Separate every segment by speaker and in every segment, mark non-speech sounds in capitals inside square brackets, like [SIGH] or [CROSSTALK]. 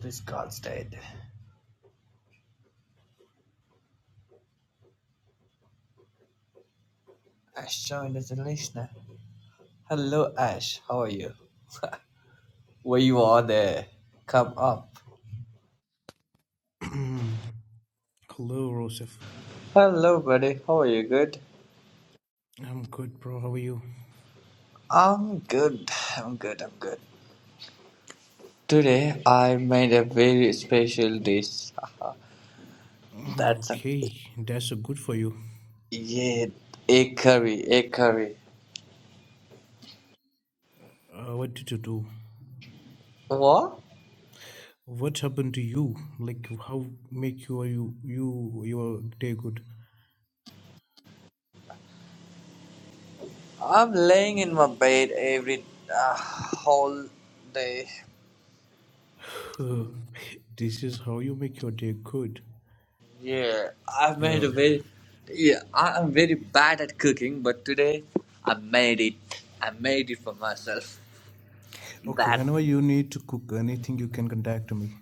Speaker 1: Please call dead. Ash joined as a listener. Hello, Ash. How are you? [LAUGHS] Where you are there? Come up.
Speaker 2: [CLEARS THROAT] Hello, Rosef.
Speaker 1: Hello, buddy. How are you? Good.
Speaker 2: I'm good, bro. How are you?
Speaker 1: I'm good. I'm good. I'm good. Today I made a very special dish. [LAUGHS]
Speaker 2: Mm,
Speaker 1: That's an
Speaker 2: Okay, that's a good for you.
Speaker 1: yeah, egg curry. Egg curry.
Speaker 2: Uh, what did you do?
Speaker 1: What?
Speaker 2: What happened to you? Like, how make your you you your day good?
Speaker 1: I'm laying in my bed every uh, whole day
Speaker 2: [LAUGHS] this is how you make your day good.
Speaker 1: Yeah, I've made
Speaker 2: Yeah.
Speaker 1: a very yeah, I am very bad at cooking, but today I made it. I made it for myself.
Speaker 2: Okay.
Speaker 1: That
Speaker 2: Whenever you need to cook anything, you can contact me.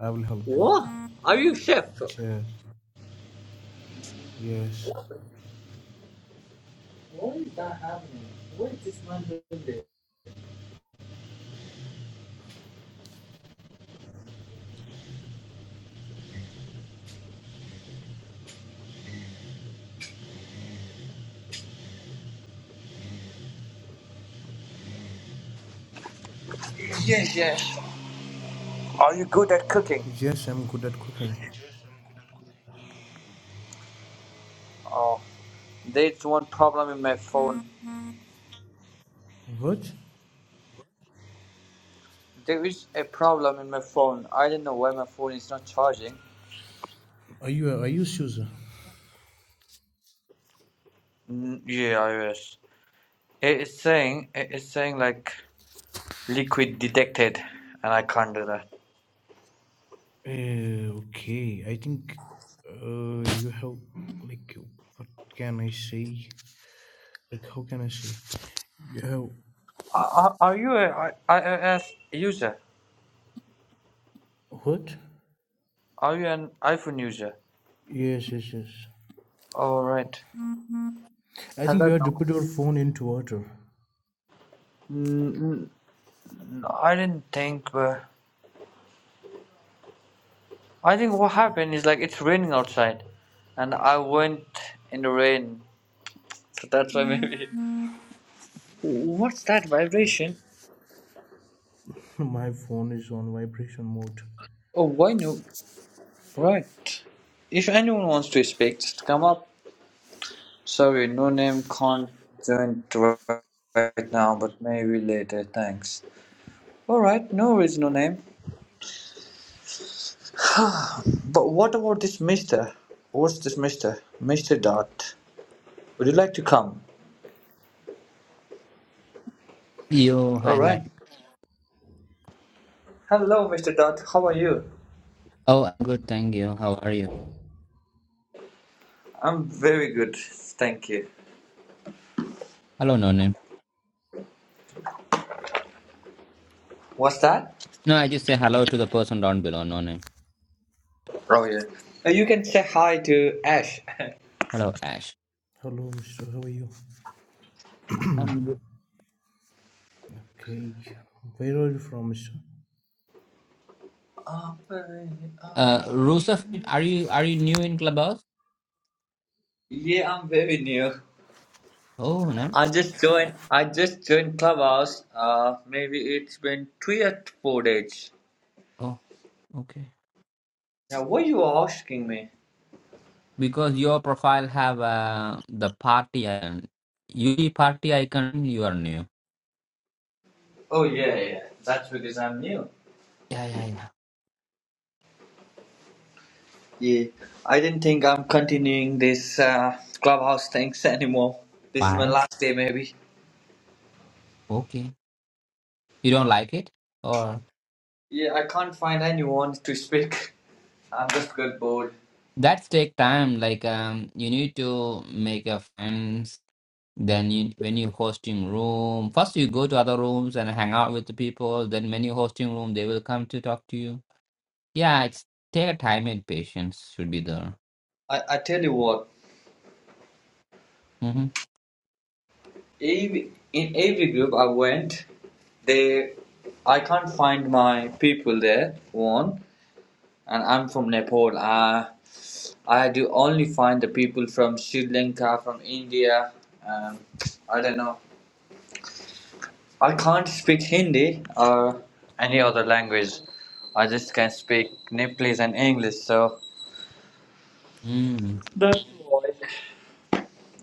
Speaker 2: I will help you.
Speaker 1: what? Are you a chef?
Speaker 2: Yes. Yes.
Speaker 1: What is that happening? What is this man doing there? Yes, yes. Are you good at cooking?
Speaker 2: Yes, I'm good at cooking.
Speaker 1: Oh, there's one problem in my phone.
Speaker 2: What?
Speaker 1: There is a problem in my phone. I don't know why my phone is not charging.
Speaker 2: Are you are you Susan?
Speaker 1: Mm, Yeah, iOS. It is saying it is saying like Liquid detected, and I can't do that.
Speaker 2: Uh, okay, I think uh, you have like what can I say? Like how can I say? You have
Speaker 1: Are, are you a I- iOS user?
Speaker 2: what?
Speaker 1: Are you an iPhone user?
Speaker 2: Yes, yes, yes.
Speaker 1: All right.
Speaker 2: I
Speaker 1: I
Speaker 2: think you
Speaker 1: don't
Speaker 2: have to
Speaker 1: know.
Speaker 2: put your phone into water.
Speaker 1: Mm, mm, no, I didn't think. Uh, I think what happened is like it's raining outside, and I went in the rain, so that's why maybe. [LAUGHS] What's that
Speaker 2: Okay.
Speaker 1: vibration?
Speaker 2: [LAUGHS] my phone is on vibration mode.
Speaker 1: Oh, why no? Right. If anyone wants to speak, just come up. Sorry, no name can't join t- right now, but maybe later. Thanks. All right, no worries, no name. But what about this Mister? What's this Mister? Mister Dot. Would you like to come?
Speaker 3: Yo, hi,
Speaker 1: All
Speaker 3: hi.
Speaker 1: right. Hello, Mister Dot. How are you?
Speaker 3: Oh, I'm good, thank you. How are you?
Speaker 1: I'm very good, thank you.
Speaker 3: Hello, no name.
Speaker 1: What's that?
Speaker 3: No, I just say hello to the person down below, no name.
Speaker 1: Oh yeah. Uh, You can say hi to Ash. [LAUGHS]
Speaker 3: Hello, Ash.
Speaker 2: Hello, Mister. How are you?
Speaker 3: I'm good.
Speaker 2: Okay. Where are you from, Mister?
Speaker 1: Uh, very, uh,
Speaker 3: Uh, Rusef, are you are you new in Clubhouse?
Speaker 1: yeah, I'm very new.
Speaker 3: Oh, no.
Speaker 1: I just joined. I just joined Clubhouse. Uh, maybe it's been three or four days.
Speaker 3: Oh, okay.
Speaker 1: Now, what you are asking me?
Speaker 3: Because your profile have uh, the party and you see party icon, you are new.
Speaker 1: Oh yeah, yeah. That's because I'm new.
Speaker 3: Yeah, yeah, yeah.
Speaker 1: Yeah, I didn't think I'm continuing this uh, Clubhouse things anymore. This is my
Speaker 3: Why?
Speaker 1: last day, maybe.
Speaker 3: Okay. You don't like it? Or
Speaker 1: Yeah, I can't find anyone to speak. [LAUGHS] I'm just got bored.
Speaker 3: that's take time. Like um, you need to make a friend Then you, when you hosting room, first you go to other rooms and hang out with the people. Then when you hosting room, they will come to talk to you. Yeah, it's take time and patience should be there.
Speaker 1: I, I tell you what,
Speaker 3: hmm
Speaker 1: every, in every group I went, they, I can't find my people there. One, and I'm from Nepal. Uh, I do only find the people from Sri Lanka, from India. Um, I don't know. I can't speak Hindi or any other language. I just can speak Nepalese and English. So
Speaker 3: Mm,
Speaker 1: that's why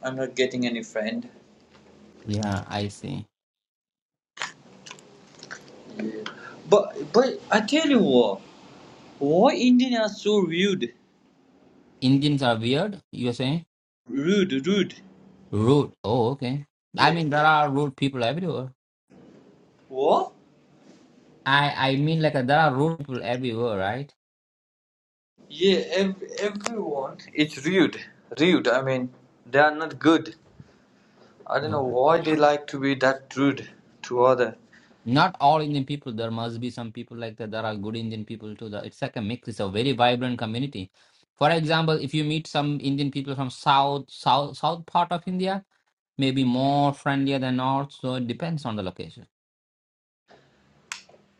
Speaker 1: I'm not getting any friend.
Speaker 3: yeah, I see.
Speaker 1: But but I tell you what, why Indians are so rude,
Speaker 3: Indians are weird. You're saying
Speaker 1: rude, rude.
Speaker 3: rude. Oh, okay. I
Speaker 1: Yeah.
Speaker 3: mean, there are rude people everywhere.
Speaker 1: What?
Speaker 3: I I mean, like there are rude people everywhere, right?
Speaker 1: Yeah, ev- everyone. It's rude. Rude. I mean, they are not good. I don't
Speaker 3: No.
Speaker 1: know why they like to be that rude to other.
Speaker 3: Not all Indian people. There must be some people like that. There are good Indian people too. That- It's like a mix. It's a very vibrant community. For example, if you meet some Indian people from south, south, south part of India, maybe more friendlier than north. So it depends on the location.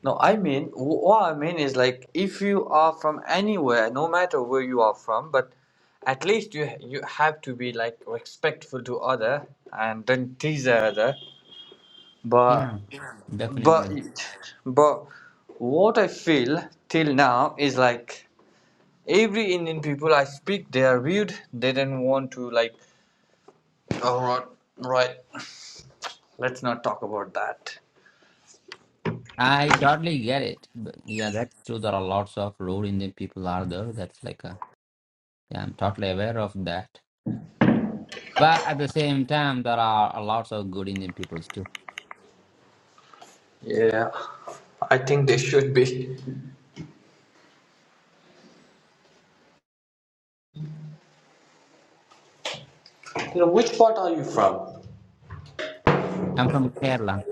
Speaker 1: No, I mean, wh- what I mean is like if you are from anywhere, no matter where you are from, but at least you you have to be like respectful to other and don't tease the other.
Speaker 3: Yeah,
Speaker 1: But
Speaker 3: definitely.
Speaker 1: but but what I feel till now is like every Indian people I speak, they are rude. They don't want to like. All right, right. Let's not talk about that.
Speaker 3: I totally get it. But yeah, that's true. There are lots of rude Indian people are there. That's like a yeah. I'm totally aware of that. But at the same time, there are lots of good Indian people too.
Speaker 1: Yeah, I think they should be. You know, which part are you from?
Speaker 3: I'm from Kerala.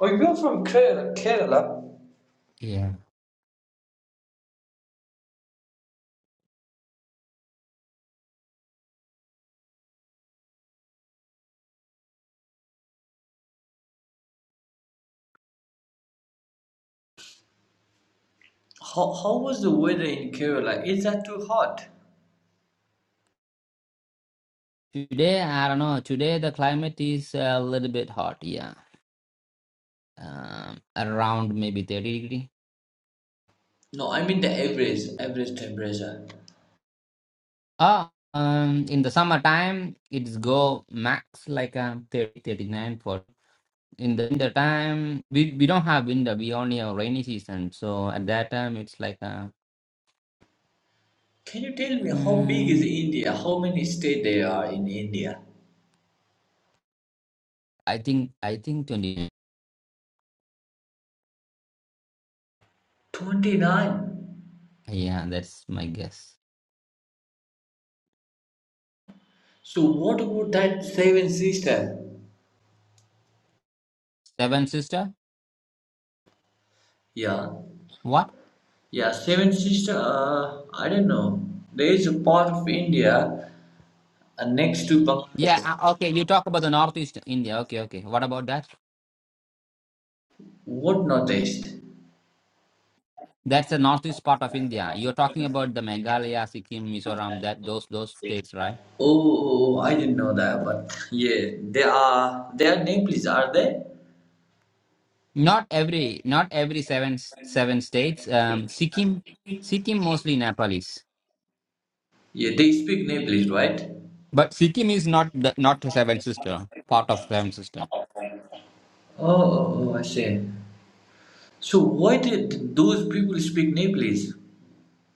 Speaker 1: Oh, you're from Kerala. Kerala.
Speaker 3: Yeah.
Speaker 1: How, how was the weather in Kerala? Is that too hot?
Speaker 3: Today, I don't know. Today the climate is a little bit hot, yeah. Um, around maybe 30 degree.
Speaker 1: No, I mean the average average temperature.
Speaker 3: Oh, um, in the summertime, it's go max like um 30, 39, forty. In the winter time, we, we don't have winter. We only have rainy season. So at that time, it's like uh,
Speaker 1: Can you tell me how big is
Speaker 3: mm,
Speaker 1: India? How many states there are in India?
Speaker 3: I think I think 20.
Speaker 1: Twenty nine.
Speaker 3: Yeah, that's my guess.
Speaker 1: So what about that seven sister?
Speaker 3: Seven sister?
Speaker 1: Yeah,
Speaker 3: What?
Speaker 1: yeah, seven sister. Uh, I don't know. There is a part of India uh, next to Bangladesh.
Speaker 3: Yeah, uh, okay. You talk about the northeast India. Okay, okay. What about that?
Speaker 1: What northeast?
Speaker 3: That's the northeast part of India. You're talking about the Meghalaya, Sikkim, Mizoram, that those those states, right?
Speaker 1: Oh, oh, oh, I didn't know that, but yeah, they are they are Nepalese, are they?
Speaker 3: Not every not every seven seven states. Um, Sikkim Sikkim mostly Nepalese,
Speaker 1: Yeah, they speak Nepalese, right?
Speaker 3: but Sikkim is not the, not the seven sister part of seven sister
Speaker 1: Oh, oh, oh, I see. So why did those people speak Nepalese?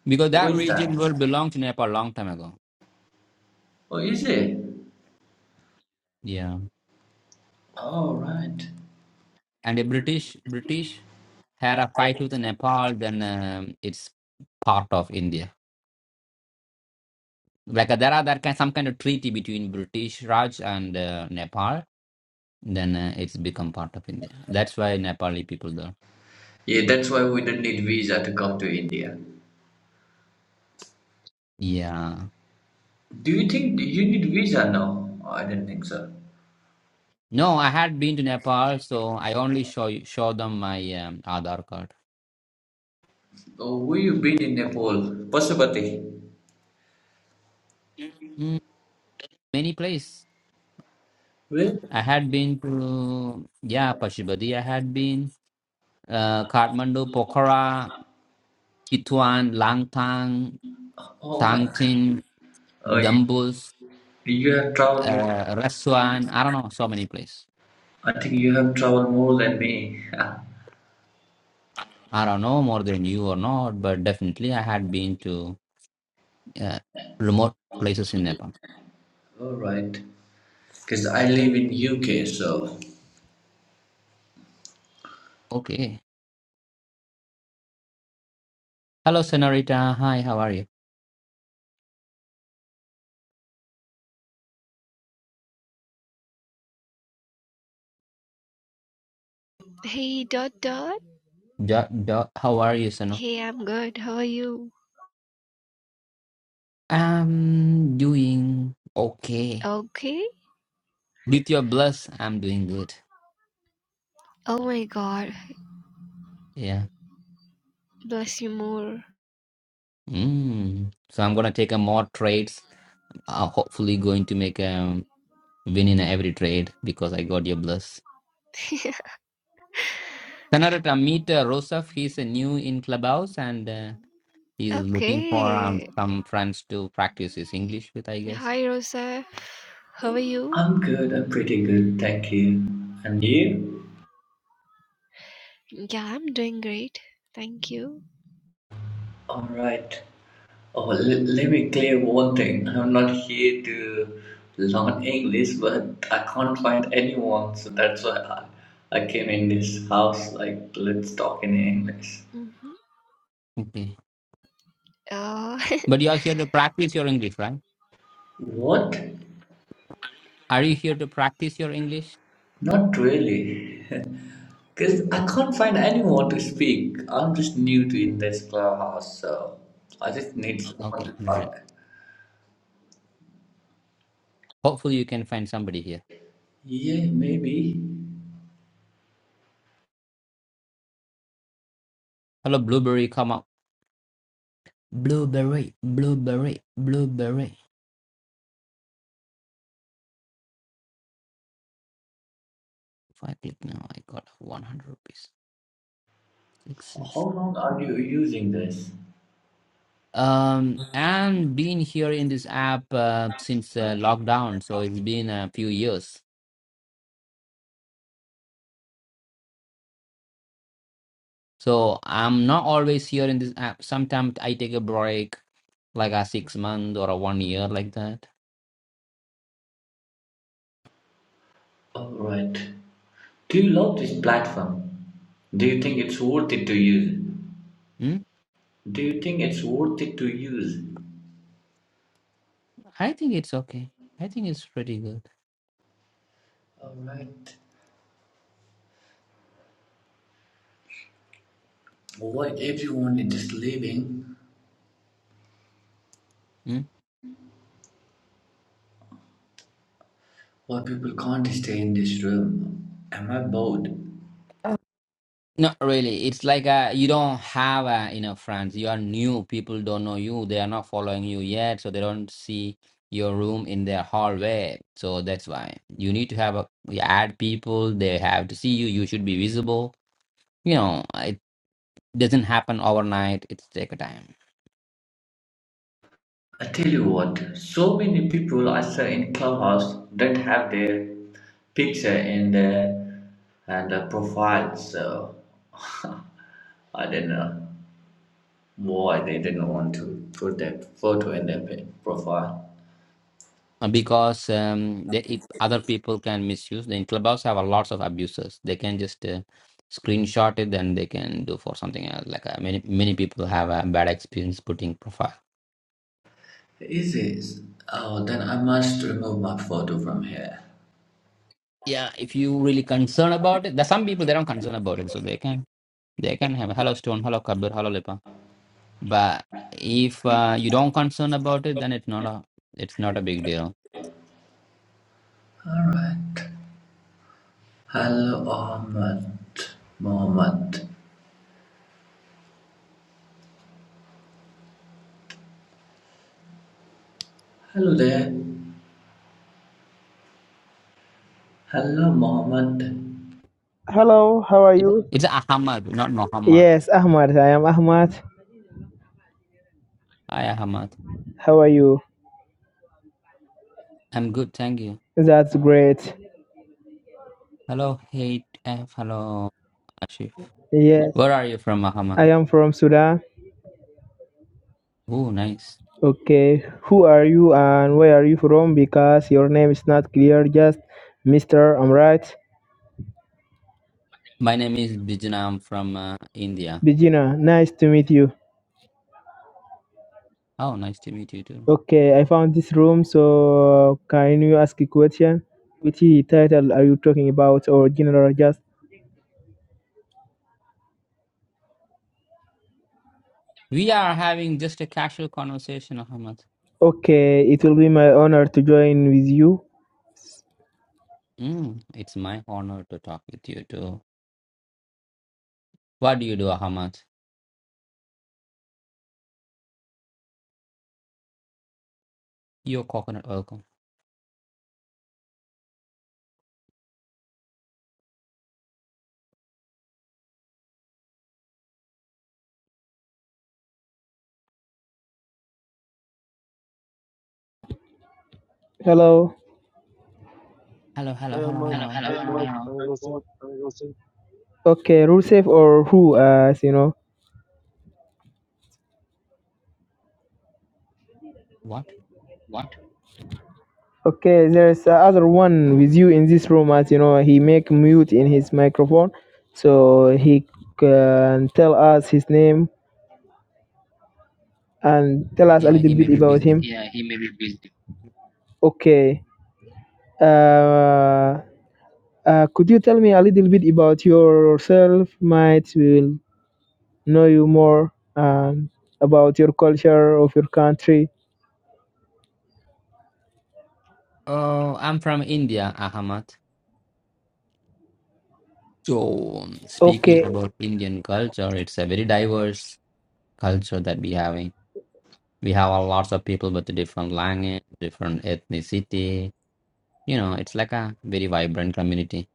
Speaker 3: because
Speaker 1: Why
Speaker 3: that
Speaker 1: is
Speaker 3: region will
Speaker 1: that?
Speaker 3: belong to Nepal long time ago.
Speaker 1: Oh, is it?
Speaker 3: Yeah,
Speaker 1: Oh, right.
Speaker 3: and the British British had a fight with Nepal. Then um, it's part of India. Like uh, there are that kind some kind of treaty between British Raj and uh, Nepal then uh, it's become part of India. That's why Nepali people there.
Speaker 1: Yeah, that's why we don't need visa to come to India.
Speaker 3: Yeah.
Speaker 1: Do you think you need visa now? I don't think so.
Speaker 3: No, I had been to Nepal, so I only show you- show them my um, Aadhaar card.
Speaker 1: Oh, where you been in Nepal? Pasupati.
Speaker 3: Mm, many place.
Speaker 1: Really?
Speaker 3: I had been to yeah Pashupati. I had been uh, Kathmandu, Pokhara, Chitwan, Langtang,
Speaker 1: Oh my God.
Speaker 3: Tangtin,
Speaker 1: Oh, you,
Speaker 3: Dambus,
Speaker 1: you have traveled more.
Speaker 3: uh, Raswan. I don't know so many place.
Speaker 1: I think you have traveled more than me. [LAUGHS]
Speaker 3: I don't know more than you or not, but definitely I had been to uh, remote places in Nepal.
Speaker 1: All right, because I live in UK, so
Speaker 3: Okay. Hello, Senorita. Hi, how are you?
Speaker 4: Hey dot dot.
Speaker 3: Jo- jo- how are you, Seno?
Speaker 4: Hey, I'm good. How are you?
Speaker 3: I'm doing okay.
Speaker 4: Okay.
Speaker 3: With your bless, I'm doing good.
Speaker 4: Oh my god.
Speaker 3: Yeah.
Speaker 4: Bless you more.
Speaker 3: Mm. So I'm gonna take a more trades. Uh, hopefully, going to make a win in every trade because I got your bless.
Speaker 4: [LAUGHS]
Speaker 3: Senorita, meet uh, Rosef. He's uh, new in clubhouse and uh, he's looking for um,
Speaker 4: okay.
Speaker 3: some friends to practice his English with, I guess.
Speaker 4: Hi, Rosa. How are you?
Speaker 1: I'm good. I'm pretty good, thank you. And you?
Speaker 4: Yeah, I'm doing great. Thank you.
Speaker 1: All right. Oh, l- let me clear one thing. I'm not here to learn English, but I can't find anyone, so that's why I, I came in this house. Like, let's talk in English.
Speaker 4: Mm-hmm.
Speaker 3: Okay.
Speaker 4: Uh,
Speaker 3: But you are here to practice your English, right?
Speaker 1: What?
Speaker 3: Are you here to practice your English?
Speaker 1: Not really. [LAUGHS] Because I can't find anyone to speak. I'm just new to in this clubhouse, so I just need someone
Speaker 3: Okay,
Speaker 1: to
Speaker 3: got it.
Speaker 1: talk.
Speaker 3: Hopefully you can find somebody here.
Speaker 1: Yeah, maybe.
Speaker 3: Hello, blueberry, come up. Blueberry, blueberry, blueberry. If I click now, I got 100 rupees.
Speaker 1: H-
Speaker 3: Sixes.
Speaker 1: How long are you using this?
Speaker 3: Um, and been here in this app uh, since uh, lockdown, so it's been a few years. So I'm not always here in this app. Sometimes I take a break, like a six month or a one year, like that.
Speaker 1: All right. Do you love this platform? Do you think it's worth it to use?
Speaker 3: Hmm?
Speaker 1: Do you think it's worth it to use?
Speaker 3: I think it's okay. I think it's pretty good.
Speaker 1: All right. Why everyone is just leaving?
Speaker 3: Hmm?
Speaker 1: Why people can't stay in this room? Am I bored?
Speaker 3: Not really. It's like uh, you don't have uh, you know friends. You are new. People don't know you. They are not following you yet, so they don't see your room in their hallway. So that's why you need to have a you add people. They have to see you. You should be visible. You know, it doesn't happen overnight. It's take a time
Speaker 1: I tell you what, so many people I saw in clubhouse don't have their picture in their and their profile, so [LAUGHS] I don't know why they didn't want to put their photo in their pi- profile.
Speaker 3: Uh, because um, they, it, other people can misuse. Then clubhouse have a lots of abusers. They can just uh, screenshot it, then they can do for something else. Like uh, many many people have a bad experience putting profile
Speaker 1: Is it? Oh, then I must remove my photo from here.
Speaker 3: Yeah, if you really concerned about it, there's some people they don't concerned about it, so they can they can have hello stone, hello kabir, hello lipa. But if uh, you don't concern about it, then it's not a it's not a big deal.
Speaker 1: All right. Hello, Ahmed. Mohammed. Hello there. Hello, Mohammed.
Speaker 5: Hello, how are you?
Speaker 3: It's Ahmad, not Muhammad.
Speaker 5: Yes, Ahmad. I am Ahmad.
Speaker 3: Hi Ahmad,
Speaker 5: How are you?
Speaker 3: I'm good, thank you.
Speaker 5: That's great.
Speaker 3: Hello, hate F. Hello, Ashif.
Speaker 5: Yes,
Speaker 3: Where are you from, Ahmad?
Speaker 5: I am from Sudan.
Speaker 3: Oh, nice.
Speaker 5: Okay, who are you and where are you from? Because your name is not clear, just Mr. I'm right.
Speaker 3: My name is Bijna. I'm from uh, India.
Speaker 5: Begina, nice to meet you.
Speaker 3: Oh, nice to meet you too.
Speaker 5: Okay, I found this room, so can you ask a question? Which title are you talking about or general just?
Speaker 3: We are having just a casual conversation, Ahmad.
Speaker 5: Okay, it will be my honor to join with you.
Speaker 3: Mm, it's my honor to talk with you too. What do you do, Ahmad? Your coconut welcome.
Speaker 5: Hello.
Speaker 3: Hello, hello,
Speaker 6: I am
Speaker 3: hello,
Speaker 6: a
Speaker 3: hello.
Speaker 6: I thought I was in
Speaker 5: Okay, Rusev or who, as you know.
Speaker 3: What?
Speaker 5: Okay, there's uh, other one with you in this room, as you know. He make mute in his microphone, so he can tell us his name and tell us a
Speaker 3: Yeah,
Speaker 5: little
Speaker 3: he
Speaker 5: bit
Speaker 3: may be
Speaker 5: about
Speaker 3: busy.
Speaker 5: him. Okay. Uh, uh, could you tell me a little bit about yourself? Might will know you more um, about your culture of your country.
Speaker 3: Oh, I'm from India, Ahmad. So, um, speaking
Speaker 5: Okay.
Speaker 3: about Indian culture, it's a very diverse culture that we having. We have a lots of people with different language, different ethnicity. You know, it's like a very vibrant community.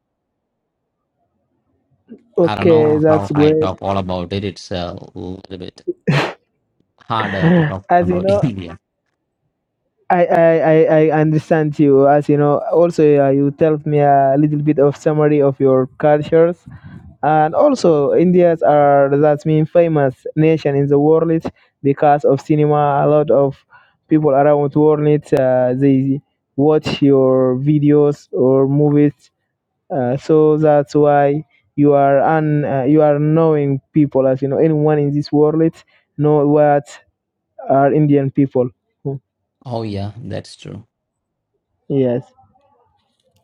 Speaker 3: I don't
Speaker 5: Okay,
Speaker 3: know
Speaker 5: that's
Speaker 3: how I
Speaker 5: great.
Speaker 3: talk all about it. It's a little bit harder to talk
Speaker 5: As you
Speaker 3: about
Speaker 5: know,
Speaker 3: [LAUGHS] India.
Speaker 5: I, I, I I understand you as you know also uh, you tell me a little bit of summary of your cultures and also Indians are that mean famous nation in the world because of cinema a lot of people around the world uh, they watch your videos or movies uh, so that's why you are un, uh, you are knowing people as you know anyone in this world know what are Indian people Hmm.
Speaker 3: Oh yeah, that's true.
Speaker 5: yes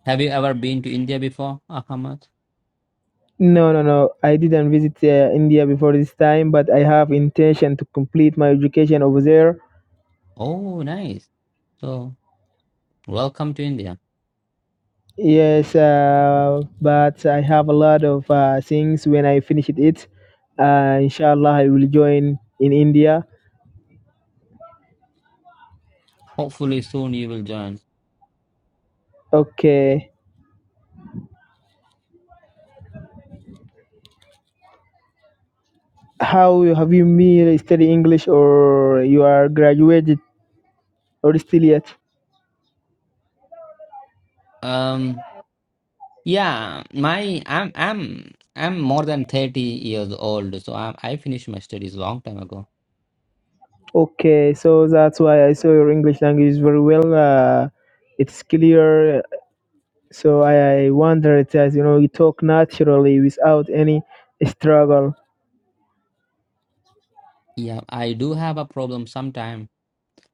Speaker 3: Have you ever been to India before, Ahmad?
Speaker 5: No, no, no. I didn't visit uh, India before this time, but I have intention to complete my education over there.
Speaker 3: Oh, nice. So, welcome to India.
Speaker 5: Yes, uh, but I have a lot of uh, things when I finish it. Uh, inshallah, I will join in India.
Speaker 3: Hopefully soon you will join.
Speaker 5: Okay. How you- have you been study English or you are graduated or still yet?
Speaker 3: Um, yeah, my I'm I'm I'm more than 30 years old, so I I finished my studies long time ago.
Speaker 5: Okay, so that's why I saw your English language is very well. Uh, it's clear So I, I wonder it says, you know, you talk naturally without any struggle.
Speaker 3: Yeah, I do have a problem sometime.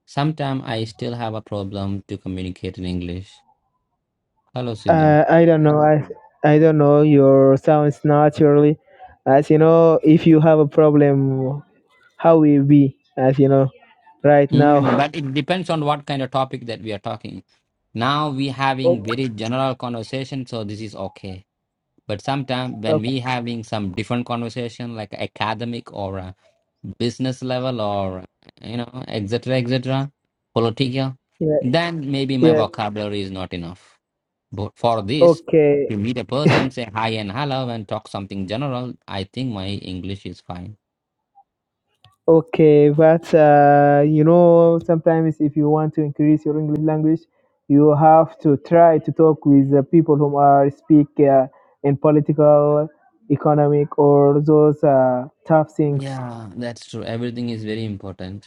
Speaker 3: Sometime I still have a problem to communicate in English. Hello, Sidhu.
Speaker 5: Uh, I don't know. I I don't know. Your sounds naturally, as you know, if you have a problem, how will be as you know, right
Speaker 3: Mm,
Speaker 5: now.
Speaker 3: but
Speaker 5: [LAUGHS]
Speaker 3: it depends on what kind of topic that we are talking. now we having
Speaker 5: Oh,
Speaker 3: very general conversation so this is okay but sometimes when
Speaker 5: oh,
Speaker 3: we having some different conversation like academic or uh, business level or you know etc etc political
Speaker 5: yeah,
Speaker 3: then maybe my
Speaker 5: yeah.
Speaker 3: vocabulary is not enough but for this
Speaker 5: Okay.
Speaker 3: to meet a person say hi and hello and talk something general i think my english is fine
Speaker 5: Okay, but uh, you know, sometimes if you want to increase your English language, you have to try to talk with the people who are speak uh, in political, economic, or those uh, tough things.
Speaker 3: yeah that's true everything is very important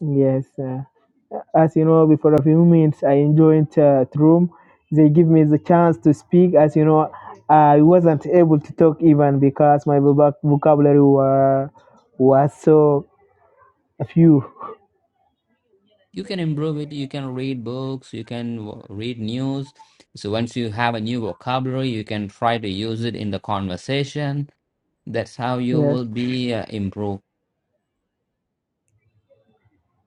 Speaker 5: Yes, uh, as you know, before a few minutes, I enjoyed uh, the room. They give me the chance to speak. As you know, I wasn't able to talk even because my voc- vocabulary were was so few.
Speaker 3: you can improve it you can read books you can w- read news so once you have a new vocabulary you can try to use it in the conversation that's how you
Speaker 5: Yes.
Speaker 3: will be uh, improved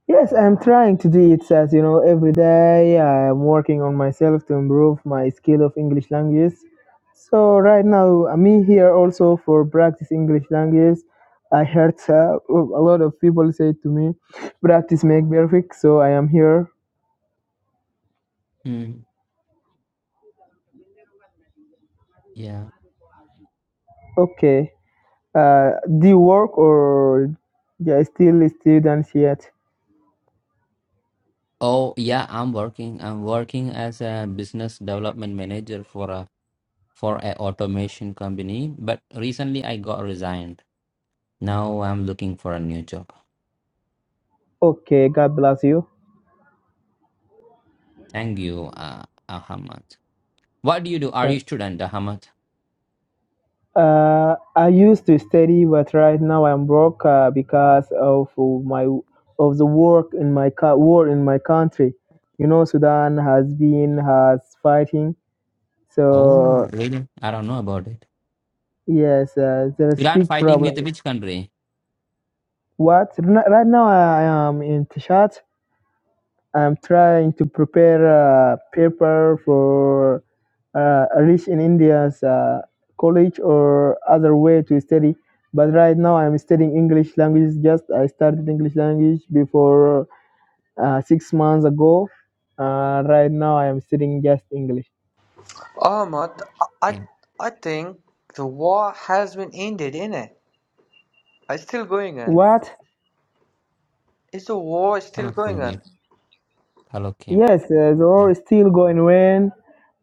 Speaker 5: Yes, I'm trying to do it as you know every day. I'm working on myself to improve my skill of English language. So right now I'm here also for practice English language. I heard uh, a lot of people say to me, "Practice make perfect." So I am here.
Speaker 3: mm, yeah
Speaker 5: Okay. Uh, do you work or yeah, still a student yet?
Speaker 3: oh yeah i'm working i'm working as a business development manager for a for a automation company but recently i got resigned now i'm looking for a new job
Speaker 5: Okay. God bless you.
Speaker 3: thank you uh, ahmad what do you do are
Speaker 5: Thank
Speaker 3: you student ahmad
Speaker 5: Uh, I used to study, but right now I'm broke uh, because of my of the work in my co- war in my country. You know, Sudan has been has fighting,
Speaker 3: oh
Speaker 5: so
Speaker 3: really i don't know about it
Speaker 5: yes, uh, there's
Speaker 3: Iran
Speaker 5: big
Speaker 3: fighting with
Speaker 5: problem.
Speaker 3: which country?
Speaker 5: What N- right now I am in Tishat, I'm trying to prepare a paper for uh, a reach in India's uh, college or other way to study. But right now I'm studying English language. Just I started English language before uh, six months ago. Uh, right now I am studying just English.
Speaker 1: Ahmad, I
Speaker 3: Mm.
Speaker 1: I think the war has been ended, innit? It's still going on.
Speaker 5: What?
Speaker 1: Is the war still
Speaker 3: Hello,
Speaker 1: going
Speaker 3: Kuldeep.
Speaker 1: on?
Speaker 3: Hello, Kim.
Speaker 5: Yes, uh, the war
Speaker 3: Mm.
Speaker 5: is still going on.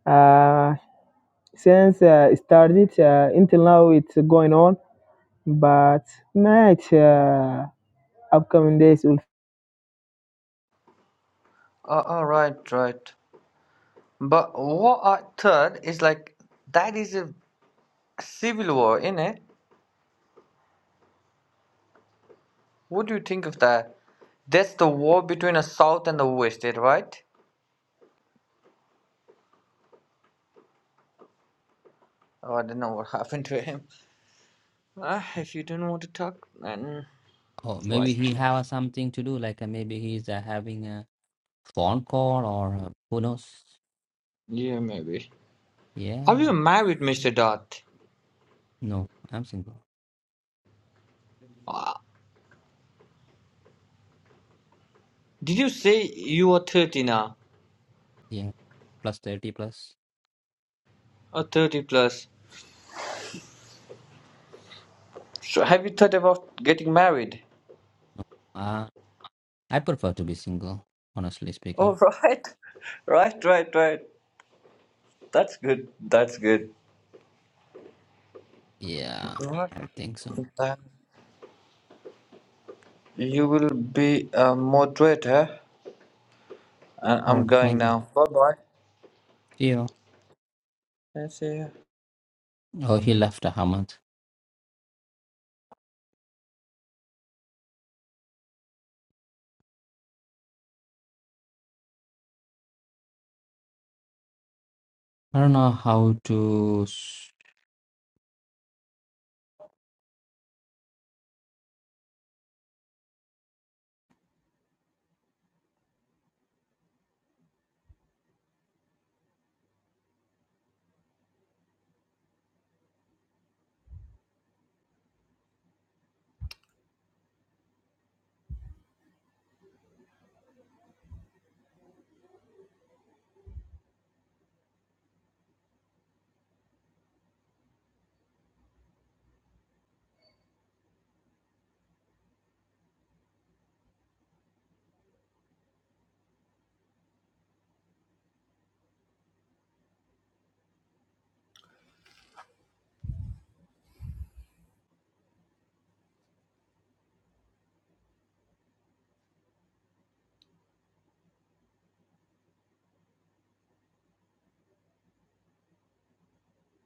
Speaker 5: Uh, since uh, it started uh, until now, it's going on. But mate, uh, upcoming days will
Speaker 1: Uh, uh, right, right. But what I thought is like that is a civil war, innit? What do you think of that? That's the war between the South and the West, eh, right? Oh, I don't know what [LAUGHS] happened to him. Ah, if you don't want to talk, then
Speaker 3: Oh,
Speaker 1: right.
Speaker 3: maybe he has something to do. Like uh, maybe he's uh, having a phone call or uh, who knows.
Speaker 1: Yeah, maybe. Are
Speaker 3: Yeah.
Speaker 1: you married, Mr. Dot?
Speaker 3: No, I'm single.
Speaker 1: Did you say you are 30 now?
Speaker 3: Yeah. Plus 30 plus.
Speaker 1: Oh, 30 plus. So have you thought about getting married?
Speaker 3: No. Uh, I prefer to be single, honestly
Speaker 1: Oh,
Speaker 3: speaking.
Speaker 1: right. [LAUGHS] Right, right, right. That's good. That's good.
Speaker 3: Yeah,
Speaker 1: Right.
Speaker 3: I think so.
Speaker 1: Then you will be a moderator, and
Speaker 3: Oh,
Speaker 1: I'm going
Speaker 3: thank you.
Speaker 1: now. Bye bye.
Speaker 3: See you.
Speaker 1: I See you.
Speaker 3: Oh, he left uh, Hamad. I don't know how to.